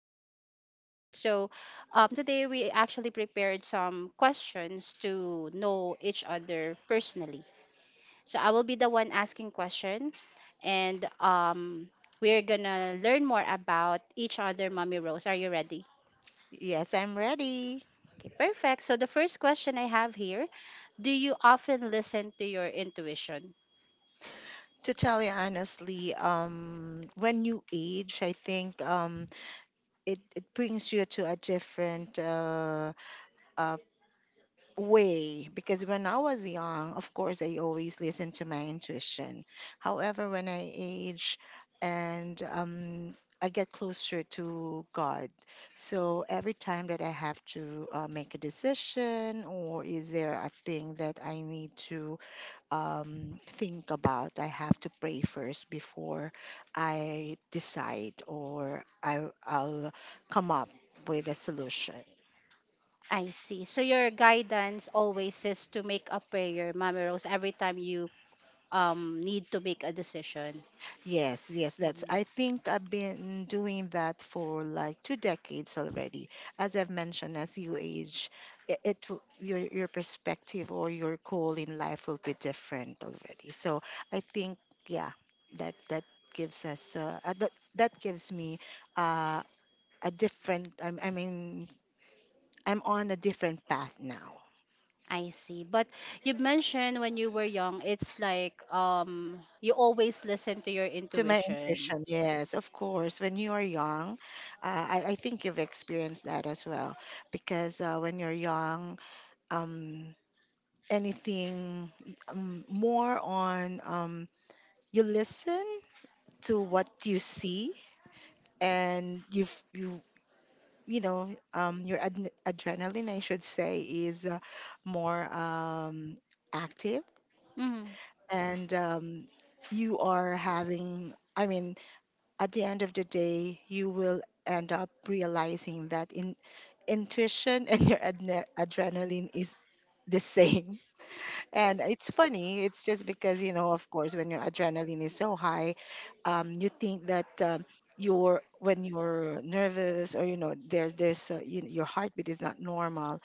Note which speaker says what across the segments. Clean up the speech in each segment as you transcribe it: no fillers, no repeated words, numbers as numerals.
Speaker 1: podcast episode. So, today we actually prepared some questions to know each other personally. So I will be the one asking question, and we're gonna learn more about each other. Mommy Rose, are you ready?
Speaker 2: Yes, I'm ready.
Speaker 1: Okay, perfect. So the first question I have here, do you often listen to your intuition?
Speaker 2: To tell you honestly, when you age, I think it brings you to a different uh, way. Because when I was young, of course, I always listened to my intuition. However, when I age and I get closer to God, so every time that I have to make a decision or is there a thing that I need to think about. I have to pray first before I decide or I'll come up with a solution.
Speaker 1: I see. So your guidance always is to make a prayer, Mami Rose, every time you need to make a decision.
Speaker 2: Yes, yes, that's. I
Speaker 1: Mhm.
Speaker 2: think I've been doing that for like two decades already. As I've mentioned, as you age, your perspective or your goal in life will be different already. So I think, yeah, that gives us that gives me uh, a different I mean I'm on a different path now.
Speaker 1: I see. But you mentioned when you were young, it's like you always listen to your
Speaker 2: To my
Speaker 1: intuition.
Speaker 2: intuition, yes, of course when you are young, I think you've experienced that as well because when you're young, um, anything, more on, you listen to what you see, and you know your adrenaline, I should say, is more active.
Speaker 1: Mm-hmm.
Speaker 2: And you are having, I mean, at the end of the day you will end up realizing that in intuition and your adrenaline is the same. And it's funny, it's just because, you know, of course when your adrenaline is so high, you think that you're, when you're nervous or, you know, there's your heartbeat is not normal.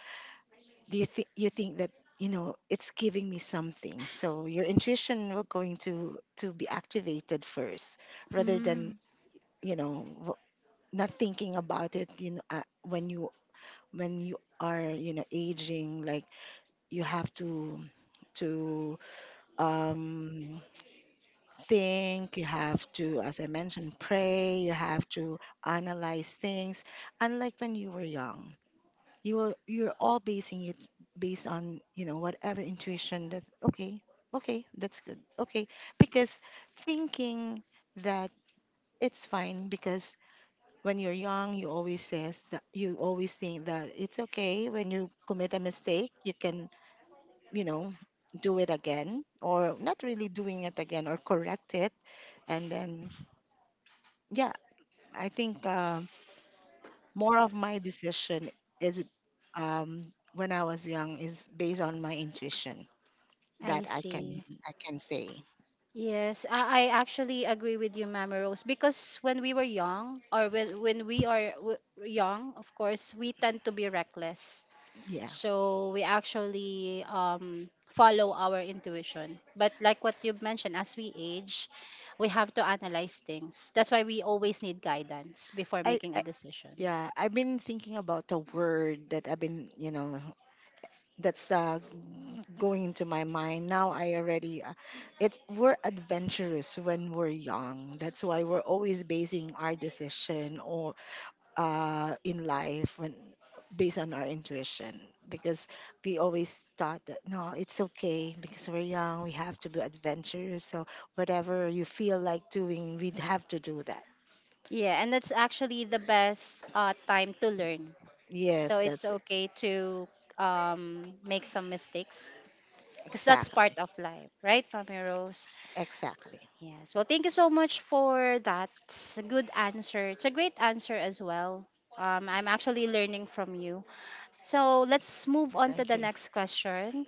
Speaker 2: Do you think, you think that, you know, it's giving me something, so your intuition will going to be activated first, rather
Speaker 1: Mm-hmm.
Speaker 2: than, you know, not thinking about it. You know, when you, when you are, you know, aging, like, you have to um, think. You have to, as I mentioned, pray. You have to analyze things, unlike when you were young. You will, you're all basing it based on, you know, whatever intuition. That okay, okay, that's good, okay, because thinking that it's fine, because when you're young you always says that, you always think that it's okay. When you commit a mistake you can, you know, do it again or not really doing it again or correct it. And then, yeah, I think, more of my decision is um, when I was young is based on my intuition that
Speaker 1: I
Speaker 2: I can,
Speaker 1: see.
Speaker 2: I can say.
Speaker 1: Yes, I actually agree with you, Mama Rose, because when we were young, or when we are young, of course, we tend to be reckless.
Speaker 2: Yeah,
Speaker 1: So we actually follow our intuition. But like what you've mentioned, as we age, we have to analyze things. That's why we always need guidance before making
Speaker 2: I
Speaker 1: a decision.
Speaker 2: yeah, I've been thinking about the word that I've been, you know, that's going into my mind now. I already it's, we're adventurous when we're young, that's why we're always basing our decision in life when, based on our intuition, because we always thought that, no, it's okay, because we're young we have to be adventurous. So whatever you feel like doing, we'd have to do that.
Speaker 1: Yeah, and that's actually the best time to learn. So
Speaker 2: Yes,
Speaker 1: it's
Speaker 2: that's
Speaker 1: okay to make some mistakes because that's
Speaker 2: exactly,
Speaker 1: part of life, right, Tommy Rose?
Speaker 2: exactly.
Speaker 1: Yes. Well, thank you so much for that. It's a good answer. It's a great answer as well. I'm actually learning from you. So let's move on to
Speaker 2: Thank
Speaker 1: the
Speaker 2: you.
Speaker 1: next question.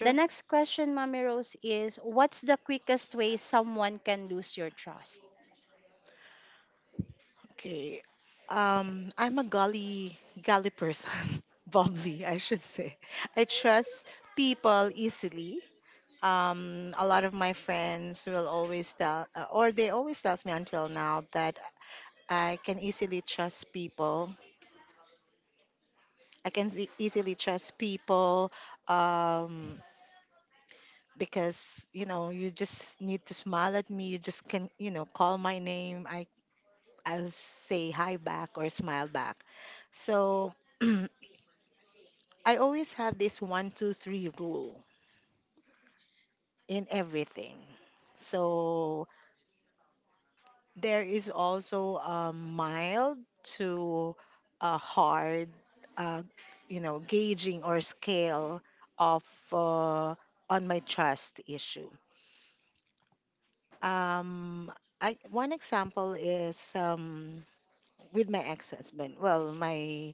Speaker 1: The next question, Mommy Rose, is what's the quickest way someone can lose your trust?
Speaker 2: Okay. I'm a gully person, bubbly, I should say. I trust people easily. A lot of my friends will always tell, or they always tells me until now that I can easily trust people. I can easily trust people, um, because, you know, you just need to smile at me. You just can, you know, call my name. I'll say hi back or smile back. So I always have this 1-2-3 rule in everything. So there is also a mild to a hard, uh, you know, gauging or scale of, uh, on my trust issue. Um, I, one example is, with my ex-husband. Well, my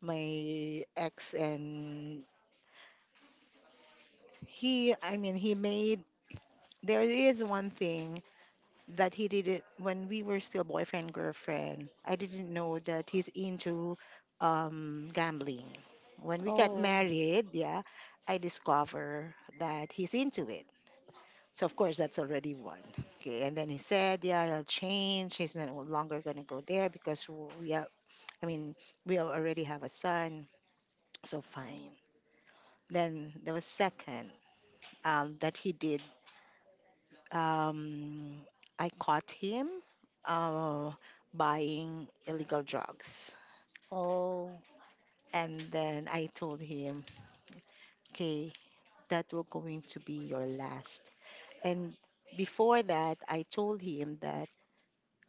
Speaker 2: my ex and he. I mean, he made. There is one thing that he did it when we were still boyfriend girlfriend. I didn't know that he's into gambling. When we got
Speaker 1: Oh.
Speaker 2: married, yeah, I discover that he's into it. So of course that's already one. Okay, and then he said, yeah, I'll change. He's no longer gonna go there because we are. I mean, we already have a son. So fine. Then there was second that he did, um, I caught him uh, buying illegal drugs.
Speaker 1: Oh.
Speaker 2: And then I told him, okay, that will going to be your last. And before that, I told him that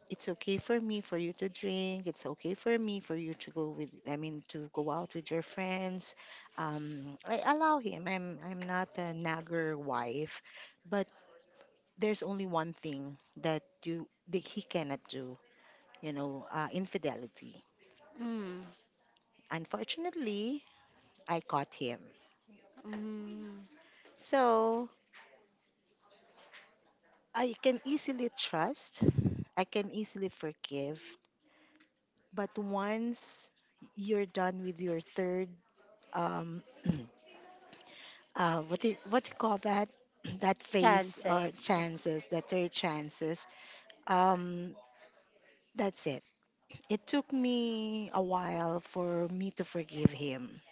Speaker 2: it's okay for me for you to drink. It's okay for me for you to go with, I mean, to go out with your friends. I allow him. I'm not a nagger wife, but there's only one thing that you that he cannot do, you know, infidelity.
Speaker 1: Mm.
Speaker 2: Unfortunately, I caught him.
Speaker 1: Mm.
Speaker 2: So I can easily trust, I can easily forgive. But once you're done with your third, um, what do you call that? That phase or
Speaker 1: Chances.
Speaker 2: chances, that third chances. Um, that's it. It took me a while for me to forgive him.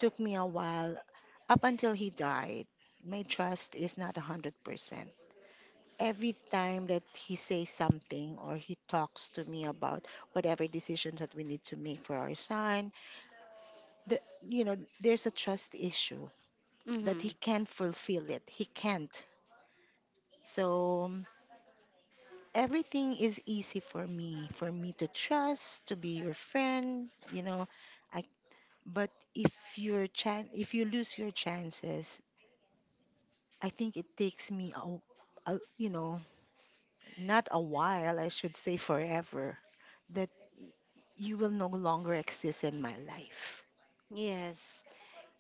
Speaker 2: Took me a while, up until he died. My trust is not 100%. Every time that he says something or he talks to me about whatever decision that we need to make for our son, the, you know, there's a trust issue that he
Speaker 1: Mm-hmm.
Speaker 2: can't fulfill it. He can't. So everything is easy for me to trust, to be your friend, you know. I, but if your if you lose your chances, I think it takes me a, you know, not a while, I should say forever, that you will no longer exist in my life.
Speaker 1: Yes.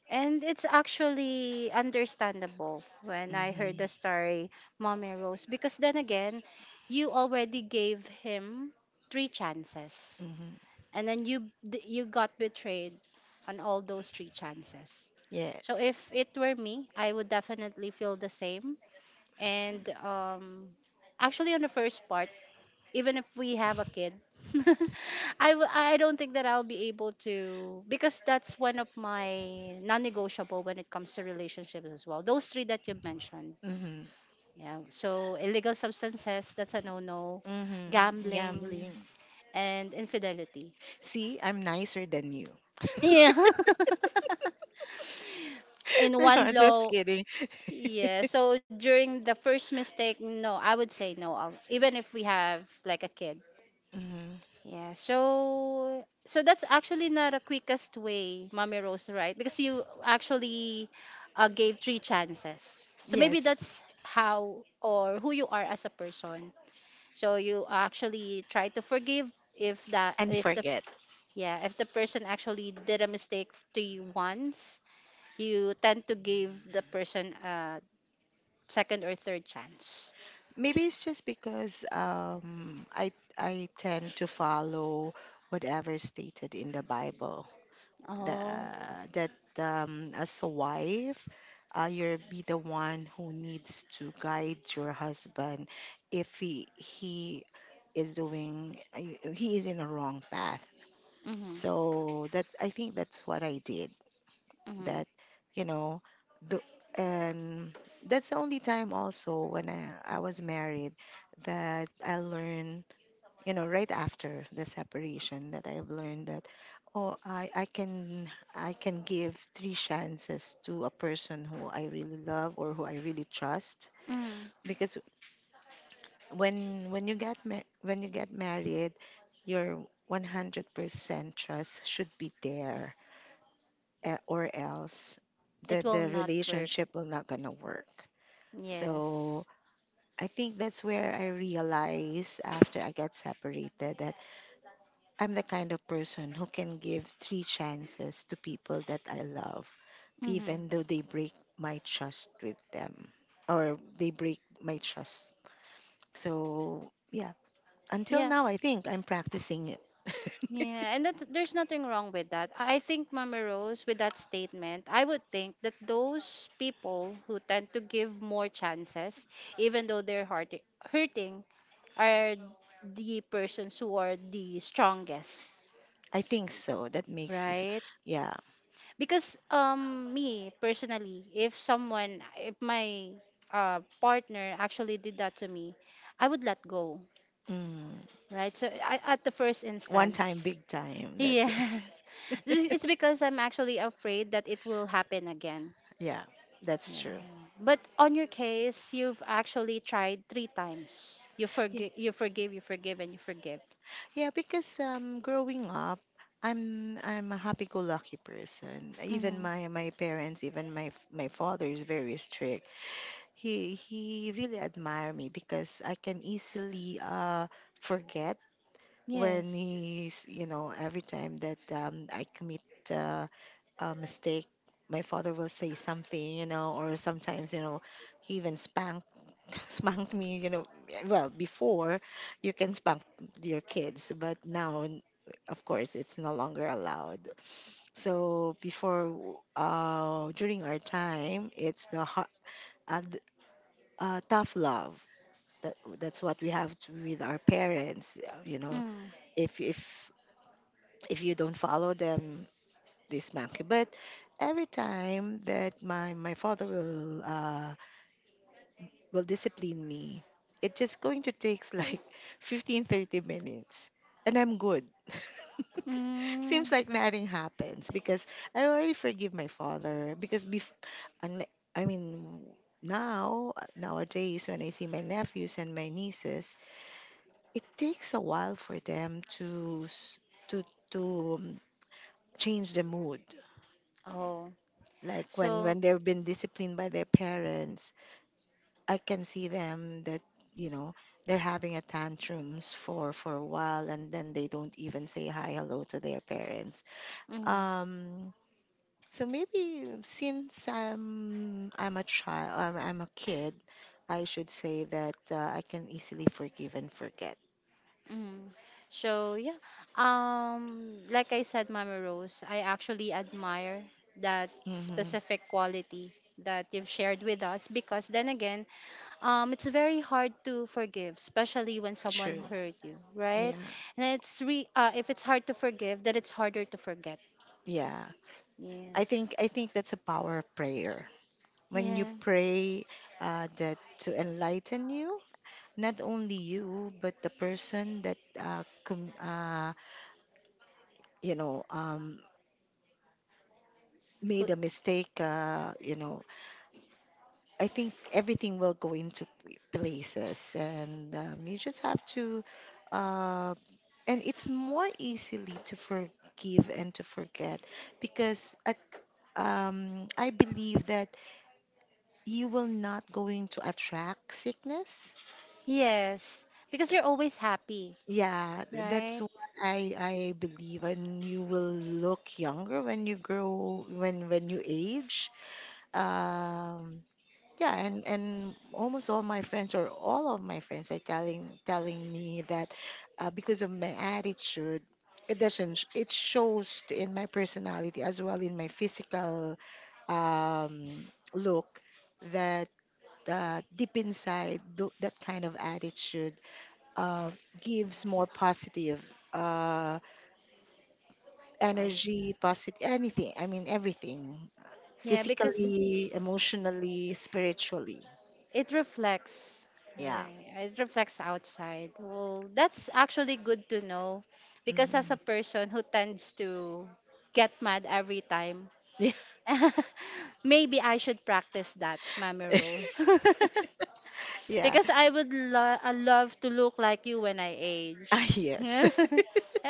Speaker 1: And it's actually understandable when I heard
Speaker 2: Hmm.
Speaker 1: the story, Mommy Rose, because then again, you already gave him three chances,
Speaker 2: Hmm.
Speaker 1: and then you you got betrayed on all those three chances. So
Speaker 2: Yes.
Speaker 1: if it were me, I would definitely feel the same. And actually, on the first part, even if we have a kid I don't think that I'll be able to, because that's one of my non-negotiable when it comes to relationships, as well those three that you mentioned.
Speaker 2: Hmm.
Speaker 1: Yeah, so illegal substances, that's a no-no.
Speaker 2: Hmm.
Speaker 1: Gambling
Speaker 2: Gambling.
Speaker 1: and infidelity.
Speaker 2: See, I'm nicer than you.
Speaker 1: Yeah. In one
Speaker 2: No, just
Speaker 1: blow.
Speaker 2: kidding.
Speaker 1: Yeah, so during the first mistake, no, I would say no. I'll, even if we have like a kid.
Speaker 2: Mhm.
Speaker 1: Yeah, so that's actually not a quickest way, Mommy Rose, right? Because you actually gave three chances. So maybe
Speaker 2: Yes,
Speaker 1: that's how or who you are as a person. So you actually try to forgive if that
Speaker 2: and
Speaker 1: if the
Speaker 2: forget.
Speaker 1: yeah if the person actually did a mistake to you once, you tend to give the person a second or third chance.
Speaker 2: Maybe it's just because I tend to follow whatever is stated in the Bible, the,
Speaker 1: Oh.
Speaker 2: that as a wife, you'll be the one who needs to guide your husband if he is doing, he is in a wrong path.
Speaker 1: Mm-hmm.
Speaker 2: So that's, I think that's what I did.
Speaker 1: Mm-hmm.
Speaker 2: That, you know, the and that's the only time also when I was married that I learned, you know, right after the separation, that I've learned that, oh, I can, I can give three chances to a person who I really love or who I really trust.
Speaker 1: Hmm.
Speaker 2: Because when you get when you get married, your 100% trust should be there, eh, or else
Speaker 1: It will
Speaker 2: the
Speaker 1: not work.
Speaker 2: relationship will not gonna work. So
Speaker 1: Yes.
Speaker 2: I think that's where I realized, after I got separated, that I'm the kind of person who can give three chances to people that I love,
Speaker 1: Mm-hmm.
Speaker 2: even though they break my trust with them, or they break my trust. So, yeah, until
Speaker 1: Yeah,
Speaker 2: now, I think I'm practicing it.
Speaker 1: yeah, and that there's nothing wrong with that. I think Mama Rose, with that statement, I would think that those people who tend to give more chances, even though they're heart hurting, are the persons who are the strongest,
Speaker 2: I think so. That makes it, so,
Speaker 1: right?
Speaker 2: yeah.
Speaker 1: Because me personally, if my partner actually did that to me, I would let go,
Speaker 2: Mm.
Speaker 1: right? So I, at the first
Speaker 2: One time,
Speaker 1: instance,
Speaker 2: big time. That's
Speaker 1: yes.
Speaker 2: it.
Speaker 1: It's because I'm actually afraid that it will happen again.
Speaker 2: Yeah, that's true.
Speaker 1: But on your case, you've actually tried three times. You forgive, you forgive, you forgive, and you forgive.
Speaker 2: Yeah, because growing up, I'm a happy-go-lucky person. Even
Speaker 1: Hmm.
Speaker 2: my parents, even my my father is very strict. He really admire me because I can easily forget when
Speaker 1: Yes.
Speaker 2: he's, you know, every time that I commit uh, a mistake, my father will say something, you know, or sometimes, you know, he even spank spank me, you know. Well, before, you can spank your kids, but now, of course it's no longer allowed. So before, during our time, it's the hard, uh, th- tough love that, that's what we have to, with our parents, you know.
Speaker 1: Mm.
Speaker 2: if if if you don't follow them, this monkey. But every time that my father will discipline me, it just going to takes like 15-30 minutes and I'm good.
Speaker 1: Mm.
Speaker 2: Seems like nothing happens because I already forgive my father. Because unli- i mean now, nowadays when I see my nephews and my nieces, it takes a while for them to to to change the mood,
Speaker 1: Oh.
Speaker 2: like when
Speaker 1: So.
Speaker 2: when they've been disciplined by their parents. I can see them that, you know, they're having a tantrums for a while, and then they don't even say hi, hello to their parents.
Speaker 1: Mm.
Speaker 2: um so maybe since I'm a child, I'm a kid, I should say, that I can easily forgive and forget.
Speaker 1: Mm. So yeah. Like I said, Mama Rose, I actually admire that
Speaker 2: Mm-hmm.
Speaker 1: specific quality that you've shared with us because then again it's very hard to forgive, especially when someone
Speaker 2: True.
Speaker 1: hurt you, right?
Speaker 2: Yeah.
Speaker 1: And it's re if it's hard to forgive, then it's harder to forget.
Speaker 2: Yeah,
Speaker 1: Yes.
Speaker 2: I think that's a power of prayer. When you
Speaker 1: Yeah.
Speaker 2: pray that to enlighten you, not only you but the person that you know, made
Speaker 1: Cl-
Speaker 2: a mistake, uh, you know, I think everything will go into places, and you just have to, uh and it's more easily to forgive and to forget. Because at, I believe that you will not going to attract sickness.
Speaker 1: Yes. Because you're always happy,
Speaker 2: Yeah, that's
Speaker 1: right?
Speaker 2: what I believe, and you will look younger when you grow, when you age. Um, yeah, and almost all my friends or all of my friends are telling me that because of my attitude, it doesn't it shows in my personality as well in my physical um look that deep inside that kind of attitude uh, gives more positive uh,
Speaker 1: Um,
Speaker 2: energy, positive anything. I mean, everything
Speaker 1: yeah, because
Speaker 2: physically, emotionally, spiritually.
Speaker 1: it reflects.
Speaker 2: Yeah.
Speaker 1: Right. It reflects outside. Well, that's actually good to know because as a
Speaker 2: Mm.
Speaker 1: person who tends to get mad every time maybe I should practice that, Mami
Speaker 2: Yeah.
Speaker 1: Rose.
Speaker 2: Yeah.
Speaker 1: Because I would I love to look like you when I age.
Speaker 2: Ah, yes.
Speaker 1: Yeah,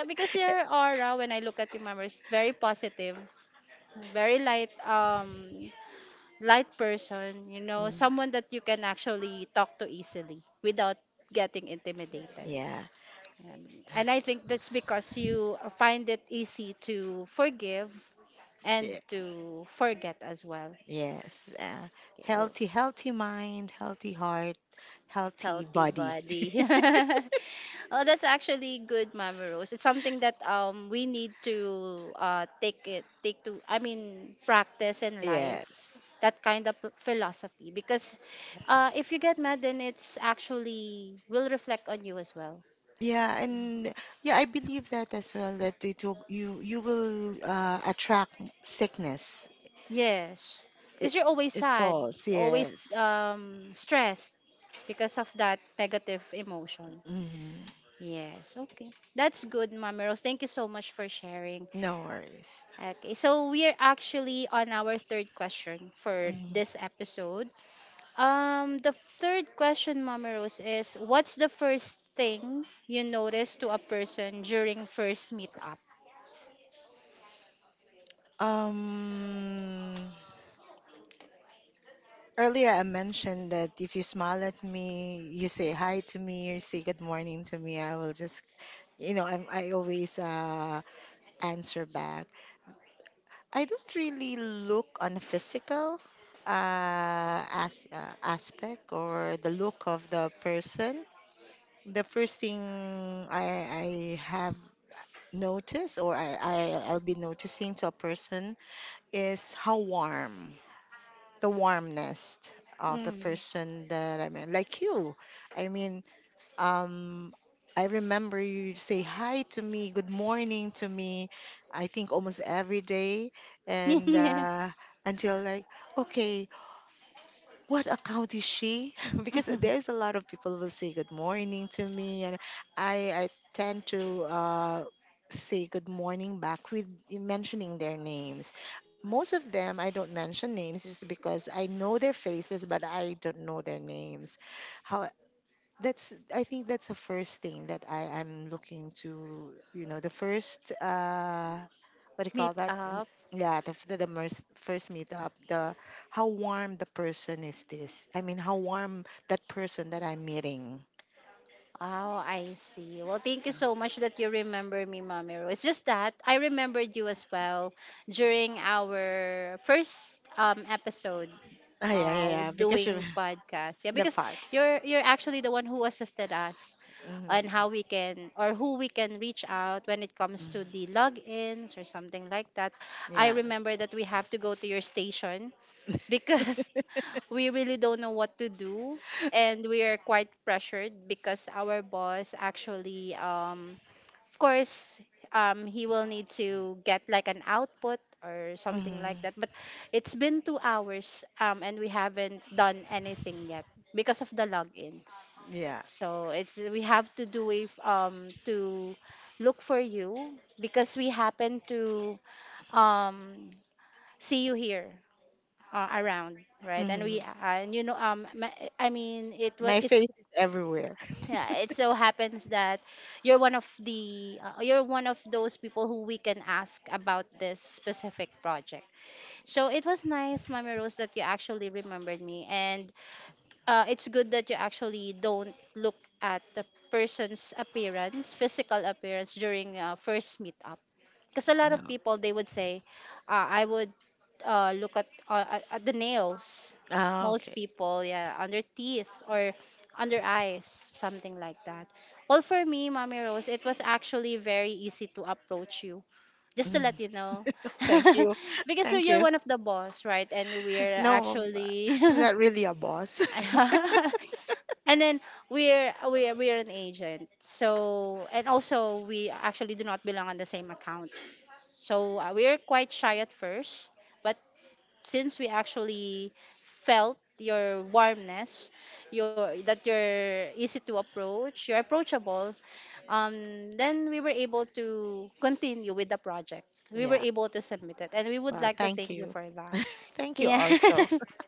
Speaker 1: because your aura when I look at you, Mami, is very positive, very light light person,
Speaker 2: Mm,
Speaker 1: someone that you can actually talk to easily without getting intimidated.
Speaker 2: yeah.
Speaker 1: Um, And I think that's because you find it easy to forgive and
Speaker 2: Yeah.
Speaker 1: to forget as well.
Speaker 2: Yes.
Speaker 1: Okay, well,
Speaker 2: Healthy, healthy mind, healthy heart, healthy
Speaker 1: healthy
Speaker 2: body.
Speaker 1: body. Oh, that's actually good, Mama Rose. It's something that we need to take to, I mean practice in life
Speaker 2: Yes.
Speaker 1: that kind of philosophy, because if you get mad, then it's actually will reflect on you as well.
Speaker 2: Yeah, and yeah, I believe that as well that it will you will attract sickness.
Speaker 1: Yes,
Speaker 2: It
Speaker 1: because you're always
Speaker 2: it
Speaker 1: sad,
Speaker 2: falls,
Speaker 1: always
Speaker 2: yes.
Speaker 1: stressed because of that negative emotion.
Speaker 2: Hmm.
Speaker 1: Yes, okay. That's good, Mama Rose. Thank you so much for sharing.
Speaker 2: No worries.
Speaker 1: Okay, so we are actually on our third question for
Speaker 2: Mhm.
Speaker 1: this episode. The third question, Mama Rose, is what's the first thing you notice to a person during first meetup?
Speaker 2: Um, earlier I mentioned that if you smile at me, you say hi to me, you say good morning to me, I will just, you know, I always answer back. I don't really look on physical as, aspect or the look of the person. The first thing I have notice or I'll be noticing to a person is how warm the warmness of the
Speaker 1: Mm.
Speaker 2: person that I mean like you. I mean, um I remember you say hi to me, good morning to me, I think almost every day, and until like okay, what account is she? Because there's a lot of people will say good morning to me, and I tend to say good morning back with mentioning their names. Most of them I don't mention names just because I know their faces, but I don't know their names. How that's I think that's the first thing that I am looking to, you know, the first what do you call
Speaker 1: Meet
Speaker 2: that? Mm,
Speaker 1: up.
Speaker 2: yeah, the first first meetup, the how warm the person is this. I mean, how warm that person that I'm meeting.
Speaker 1: Oh, I see. Well, thank you so much that you remember me, Mommy Rose. It's just that I remembered you as well during our first episode.
Speaker 2: Ah, yeah, yeah,
Speaker 1: uh
Speaker 2: yeah, because you,
Speaker 1: Doing podcasts. Yeah,
Speaker 2: the
Speaker 1: because
Speaker 2: part.
Speaker 1: you're actually the one who assisted us on how
Speaker 2: Hmm.
Speaker 1: we can or who we can reach out when it comes to the logins or something like that. I
Speaker 2: Yeah.
Speaker 1: remember that we have to go to your station because we really don't know what to do, and we are quite pressured because our boss actually of course he will need to get like an output or something like
Speaker 2: Hmm.
Speaker 1: that, but it's been 2 hours and we haven't done anything yet because of the logins.
Speaker 2: Yeah.
Speaker 1: So it's we have to do if to look for you because we happen to um see you here, around, right? And
Speaker 2: Hmm.
Speaker 1: we and you know I mean it was
Speaker 2: My face
Speaker 1: it's
Speaker 2: is everywhere.
Speaker 1: yeah it so happens that you're one of the you're one of those people who we can ask about this specific project. So it was nice, Mama Rose, that you actually remembered me. And it's good that you actually don't look at the person's appearance, physical appearance, during first meetup, because a lot of
Speaker 2: No.
Speaker 1: people they would say I would look at, at the nails,
Speaker 2: Ah,
Speaker 1: most
Speaker 2: okay.
Speaker 1: people, yeah, on their teeth or under eyes, something like that. Well, for me, Mommy Rose, it was actually very easy to approach you, just to
Speaker 2: Mm.
Speaker 1: let you know.
Speaker 2: Thank you.
Speaker 1: Because so
Speaker 2: Thank
Speaker 1: you're
Speaker 2: you.
Speaker 1: one of the boss, right? And we're
Speaker 2: No,
Speaker 1: actually
Speaker 2: I'm not really a boss.
Speaker 1: and then we're an agent, so, and also we actually do not belong on the same account. So we were quite shy at first, but since we actually felt your warmness, your that you're easy to approach, you're approachable, then we were able to continue with the project. We were
Speaker 2: Yeah.
Speaker 1: able to submit it, and we would
Speaker 2: Well,
Speaker 1: like to
Speaker 2: thank
Speaker 1: thank you
Speaker 2: you.
Speaker 1: for that.
Speaker 2: Thank you
Speaker 1: Yeah.
Speaker 2: also.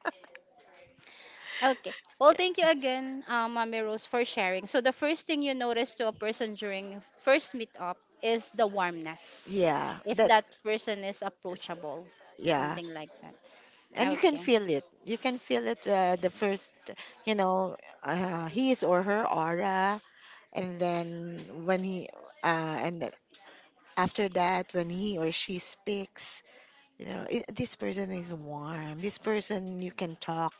Speaker 1: Okay. Well, thank you
Speaker 2: Okay.
Speaker 1: again, Mami Rose, for sharing. So the first thing you notice to a person during first meetup is the warmness.
Speaker 2: Yeah,
Speaker 1: If
Speaker 2: that
Speaker 1: that person is
Speaker 2: is,
Speaker 1: approachable,
Speaker 2: yeah.
Speaker 1: something like that.
Speaker 2: And you can
Speaker 1: Okay.
Speaker 2: feel it. You can feel it the first, you know, his or her aura. And then uh, and then after that, when he or she speaks, you know, "I- this person is warm. This person you can talk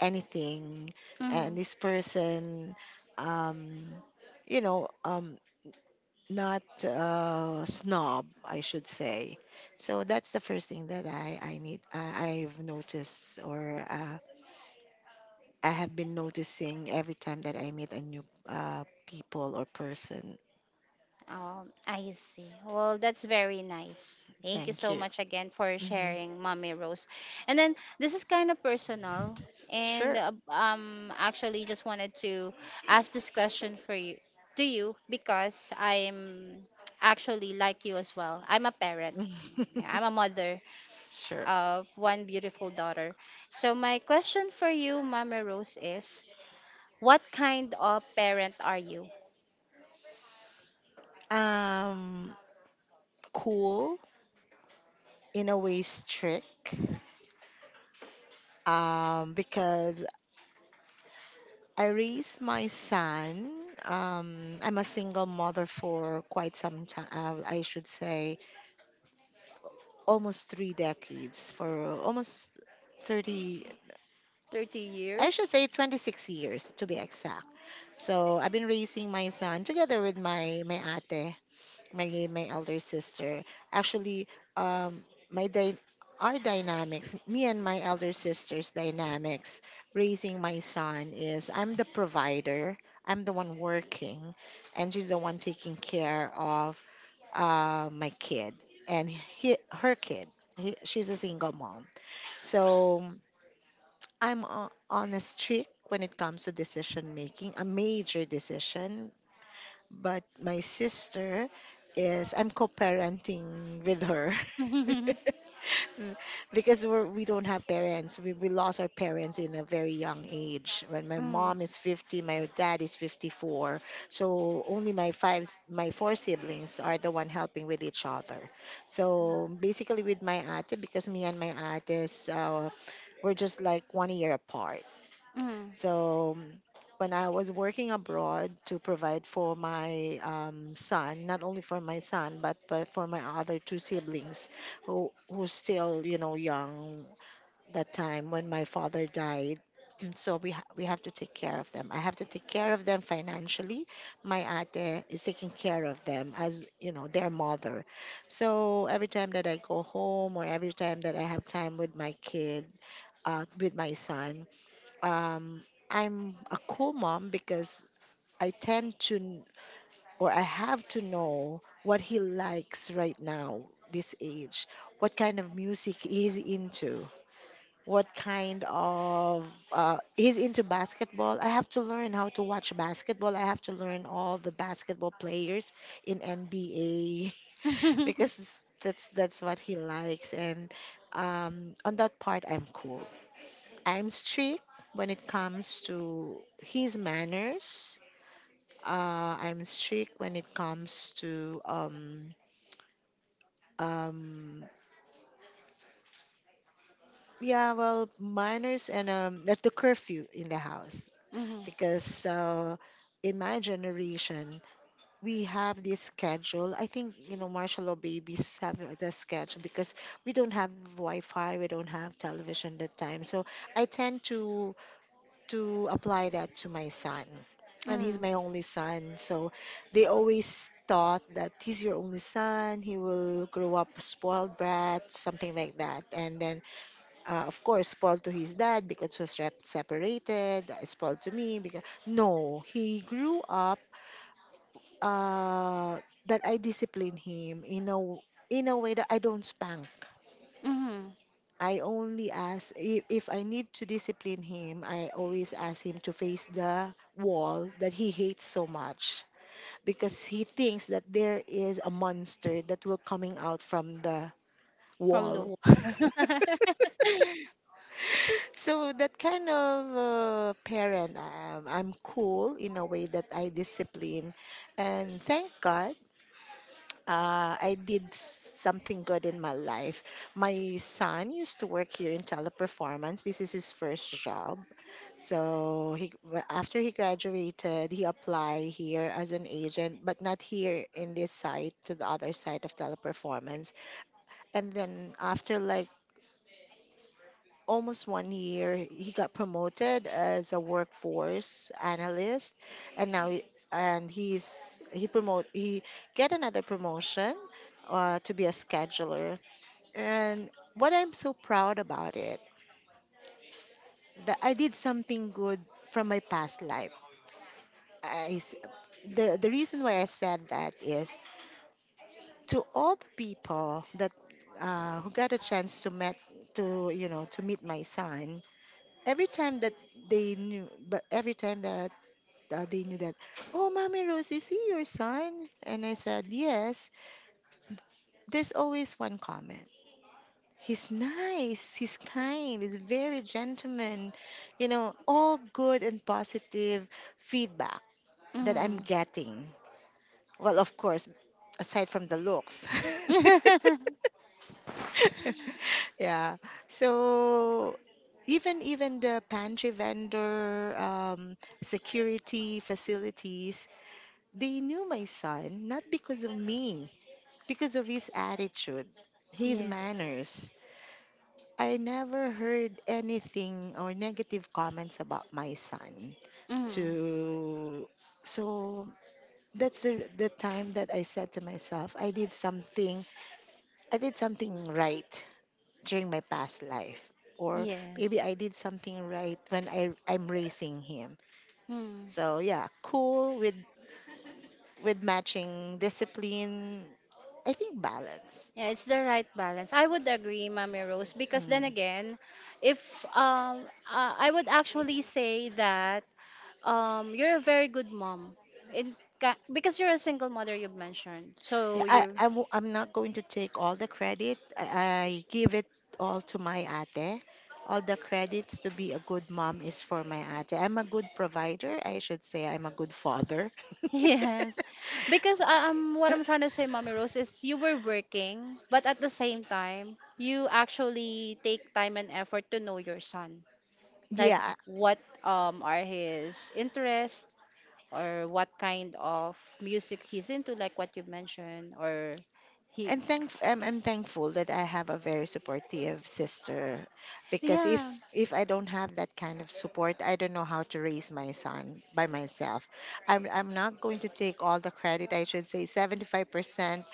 Speaker 2: anything, and
Speaker 1: Mhm.
Speaker 2: this person, um you know, not snob, I should say. So that's the first thing that I've noticed, or I have been noticing every time that I meet a new people or person.
Speaker 1: Oh, I see. Well, that's very nice. Thank you
Speaker 2: Thank
Speaker 1: so
Speaker 2: you.
Speaker 1: much again for
Speaker 2: Hmm.
Speaker 1: sharing, Mommy Rose. And then this is kind of personal, and
Speaker 2: Sure.
Speaker 1: actually just wanted to ask this question for you to you because I'm actually like you as well. I'm a parent. Yeah, I'm a mother
Speaker 2: Sure.
Speaker 1: of one beautiful daughter. So my question for you, Mommy Rose, is what kind of parent are you?
Speaker 2: um cool, in a way strict, because I raised my son. I'm a single mother for quite some time. I should say almost three decades, for almost 30,
Speaker 1: Thirty
Speaker 2: I should say
Speaker 1: years.
Speaker 2: 26 years to be exact. So I've been raising my son together with my ate, my elder sister. Actually, um, my dy- our dynamics, me and my elder sister's dynamics, raising my son is I'm the provider. I'm the one working, and she's the one taking care of my kid and her kid. She's a single mom, so on a streak when it comes to decision making, a major decision, but my sister is I'm co-parenting with her. Mm, because we don't have parents. We lost our parents in a very young age. When my
Speaker 1: Mm.
Speaker 2: mom is 50, my dad is 54. So only my four siblings are the one helping with each other. So basically with my auntie because me and my aunties we're just like 1 year apart.
Speaker 1: Mm.
Speaker 2: So when I was working abroad to provide for my son, not only for my son, but for my other two siblings who's still, you know, young that time when my father died. So we have to take care of them. I have to take care of them financially. My ate is taking care of them as you know their mother. So every time that I go home or every time that I have time with my kid, with my son, um, I'm a cool mom because I tend to, kn- or I have to know what he likes right now, this age, what kind of music he's into, what kind of, he's into basketball. I have to learn how to watch basketball. I have to learn all the basketball players in NBA because that's what he likes. And on that part, I'm cool. I'm strict when it comes to his manners. I'm strict when it comes to um yeah, well, manners and that's the curfew in the house
Speaker 1: Mhm. Mhm.
Speaker 2: because in my generation we have this schedule. I think you know martial law babies have the schedule because we don't have Wi-Fi, we don't have television that time. So I tend to apply that to my son. And he's
Speaker 1: Mhm.
Speaker 2: my only son. So they always thought that he's your only son. He will grow up a spoiled brat, something like that. And then, of course, spoiled to his dad because was separated, spoiled to me because. No, he grew up uh, that I discipline him in a, in a way that I don't spank.
Speaker 1: Mhm.
Speaker 2: I only ask if I need to discipline him, I always ask him to face the wall that he hates so much because he thinks that there is a monster that will coming out from the
Speaker 1: From the
Speaker 2: wall.
Speaker 1: wall.
Speaker 2: So that kind of parent I am. I'm cool in a way that I discipline, and thank God something good in my life. My son used to work here in teleperformance. This is his first job. So after he graduated, he applied here as an agent, but not here in this side, to the other side of teleperformance. And then after like almost 1 year, he got promoted as a workforce analyst, and now he- and he's he get another promotion to be a scheduler. And what I'm so proud about it that I did something good from my past life. I s- the reason why I said that is to all the people that who got a chance to met to you know to meet my son, every time that they knew, but every time that they knew that, oh, Mommy Rose, is he your son? And I said, yes. There's always one comment. He's nice. He's kind. He's very gentleman. You know, all good and positive feedback that I'm
Speaker 1: Mhm.
Speaker 2: getting. Well, of course, aside from the looks. Yeah. So even even the pantry vendor, security facilities, they knew my son not because of me, because of his attitude, his
Speaker 1: Yeah.
Speaker 2: manners. I never heard anything or negative comments about my son.
Speaker 1: Mhm.
Speaker 2: To so that's the time that I said to myself, I did something. I did something right during my past life or maybe
Speaker 1: Yes.
Speaker 2: I did something right when I'm raising him.
Speaker 1: Mm.
Speaker 2: So yeah, cool with matching discipline, I think balance.
Speaker 1: Yeah, it's the right balance. I would agree, Mommy Rose, because then
Speaker 2: Mm.
Speaker 1: again, if I would actually say that you're a very good mom. Because you're a single mother, you've mentioned.
Speaker 2: Yeah,
Speaker 1: So you
Speaker 2: I'm not going to take all the credit. I give it all to my ate. All the credits to be a good mom is for my ate. I'm a good provider. I should say I'm a good father.
Speaker 1: yes, because what I'm trying to say, Mommy Rose, is you were working, but at the same time, you actually take time and effort to know your son. Like,
Speaker 2: Yeah,
Speaker 1: what are his interests, or what kind of music he's into, like what you mentioned, or he,
Speaker 2: and thank I'm thankful that I have a very supportive sister because
Speaker 1: yeah,
Speaker 2: if I don't have that kind of support, I don't know how to raise my son by myself. I'm not going to take all the credit. I should say 75%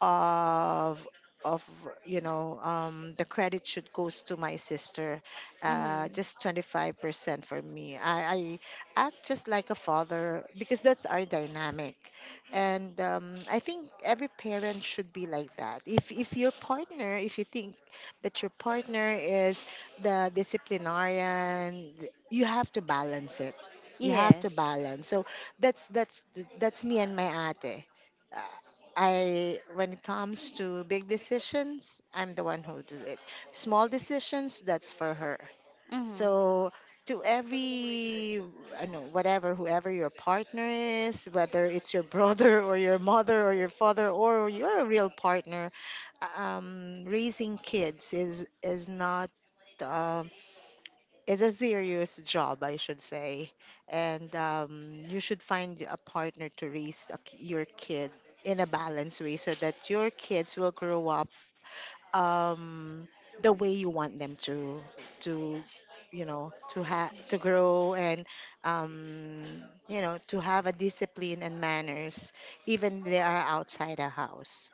Speaker 2: of of you know the credit should goes to my sister
Speaker 1: mm-hmm.
Speaker 2: just 25% for me. I act just like a father because that's our dynamic, and I think every parent should be like that. If your partner, if you think that your partner is the disciplinarian, you have to balance it. You have to
Speaker 1: Yes,
Speaker 2: balance. So that's that's that's me and my ate. Uh, I when it comes to big decisions, I'm the one who do it. Small decisions, that's for her.
Speaker 1: mm-hmm.
Speaker 2: So to every, I know, whatever, whoever your partner is, whether it's your brother or your mother or your father or your real partner, raising kids is not um, is a serious job, I should say, and you should find a partner to raise a k your kid in a balanced way so that your kids will grow up um the way you want them to to you know to have to grow and you know to have a discipline and manners even they are outside a house.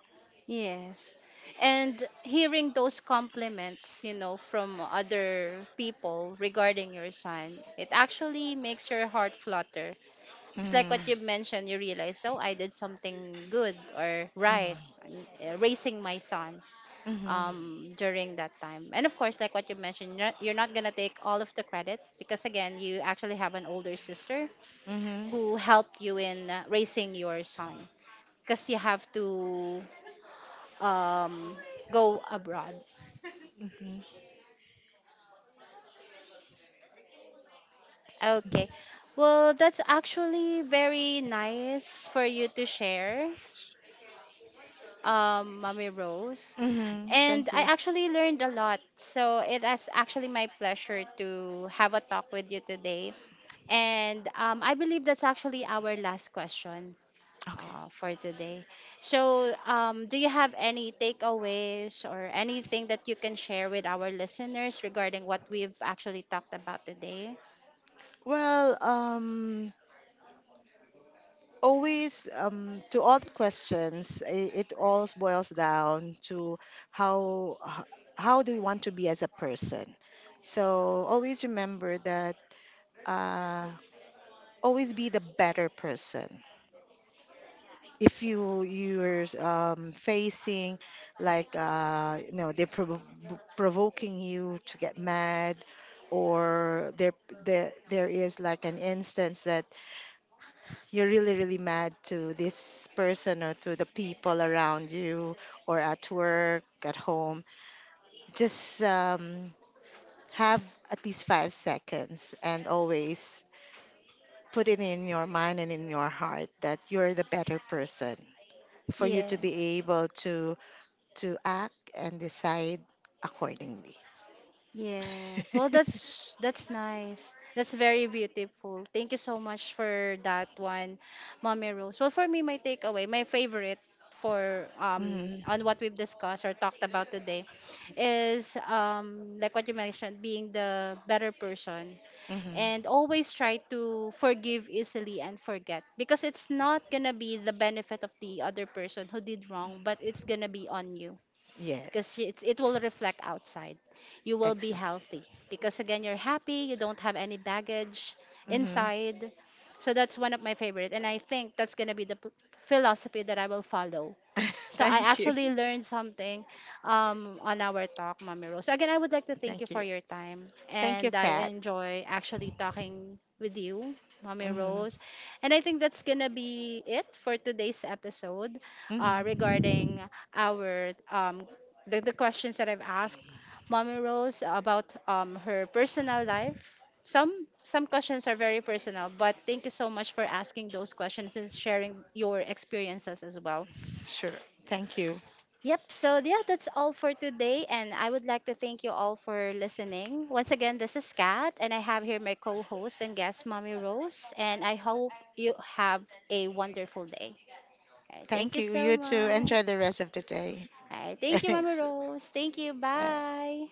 Speaker 1: Yes. And hearing those compliments, from other people regarding your son, it actually makes your heart flutter. It's like
Speaker 2: Mm,
Speaker 1: what you mentioned, you realize, oh, I did something good or right
Speaker 2: mm,
Speaker 1: in, raising my son
Speaker 2: hmm.
Speaker 1: during that time. And of course, like what you mentioned, you're not going to take all of the credit because, again, you actually have an older sister
Speaker 2: Hmm.
Speaker 1: who helped you in raising your son because you have to um, go abroad.
Speaker 2: Hmm.
Speaker 1: Okay. Well, that's actually very nice for you to share, Mommy Rose.
Speaker 2: Hmm.
Speaker 1: And
Speaker 2: Thank
Speaker 1: I
Speaker 2: you.
Speaker 1: actually learned a lot. So it is actually my pleasure to have a talk with you today. And I believe that's actually our last question
Speaker 2: Okay,
Speaker 1: for today. So, do you have any takeaways or anything that you can share with our listeners regarding what we've actually talked about today?
Speaker 2: well, always to all the questions it all boils down to how h- how do we want to be as a person. So always remember that uh always be the better person. If you're facing like you know provoking you to get mad, or there is like an instance that you're really, really mad to this person or to the people around you or at work, at home, just have at least 5 seconds and always put it in your mind and in your heart that you're the better person for you to be
Speaker 1: Yes.
Speaker 2: able to act and decide accordingly.
Speaker 1: Yes. Well, that's nice. That's very beautiful. Thank you so much for that one, Mommy Rose. Well, for me, my takeaway, my favorite for
Speaker 2: Mhm,
Speaker 1: on what we've discussed or talked about today is like what you mentioned, being the better person,
Speaker 2: mhm.
Speaker 1: and always try to forgive easily and forget, because it's not gonna be the benefit of the other person who did wrong, but it's gonna be on you, because
Speaker 2: Yes,
Speaker 1: it's, it will reflect outside. You will be
Speaker 2: exact.
Speaker 1: healthy because, again, you're happy, you don't have any baggage
Speaker 2: Hmm.
Speaker 1: inside. So that's one of my favorite. And I think that's going to be the philosophy that I will follow. So I
Speaker 2: Thank you.
Speaker 1: actually learned something on our talk, Mommy Rose. So again, I would like to thank you
Speaker 2: Thank
Speaker 1: for
Speaker 2: you.
Speaker 1: your time.
Speaker 2: Thank you,
Speaker 1: And I
Speaker 2: Kat.
Speaker 1: enjoy actually talking with you, Mommy
Speaker 2: Hmm.
Speaker 1: Rose. And I think that's going to be it for today's episode
Speaker 2: Hmm.
Speaker 1: regarding our the questions that I've asked Mommy Rose about her personal life. Some questions are very personal, but thank you so much for asking those questions and sharing your experiences as well.
Speaker 2: Sure. Thank you.
Speaker 1: Yep. So, yeah, that's all for today. And I would like to thank you all for listening. Once again, this is Kat, and I have here my co host and guest, Mommy Rose. And I hope you have a wonderful day. All right, thank
Speaker 2: Thank
Speaker 1: you
Speaker 2: you.
Speaker 1: so
Speaker 2: You too.
Speaker 1: much.
Speaker 2: Enjoy the rest of the day.
Speaker 1: All right, thank you, Mommy
Speaker 2: Thanks.
Speaker 1: Rose. Thank you.
Speaker 2: Bye.
Speaker 1: Bye.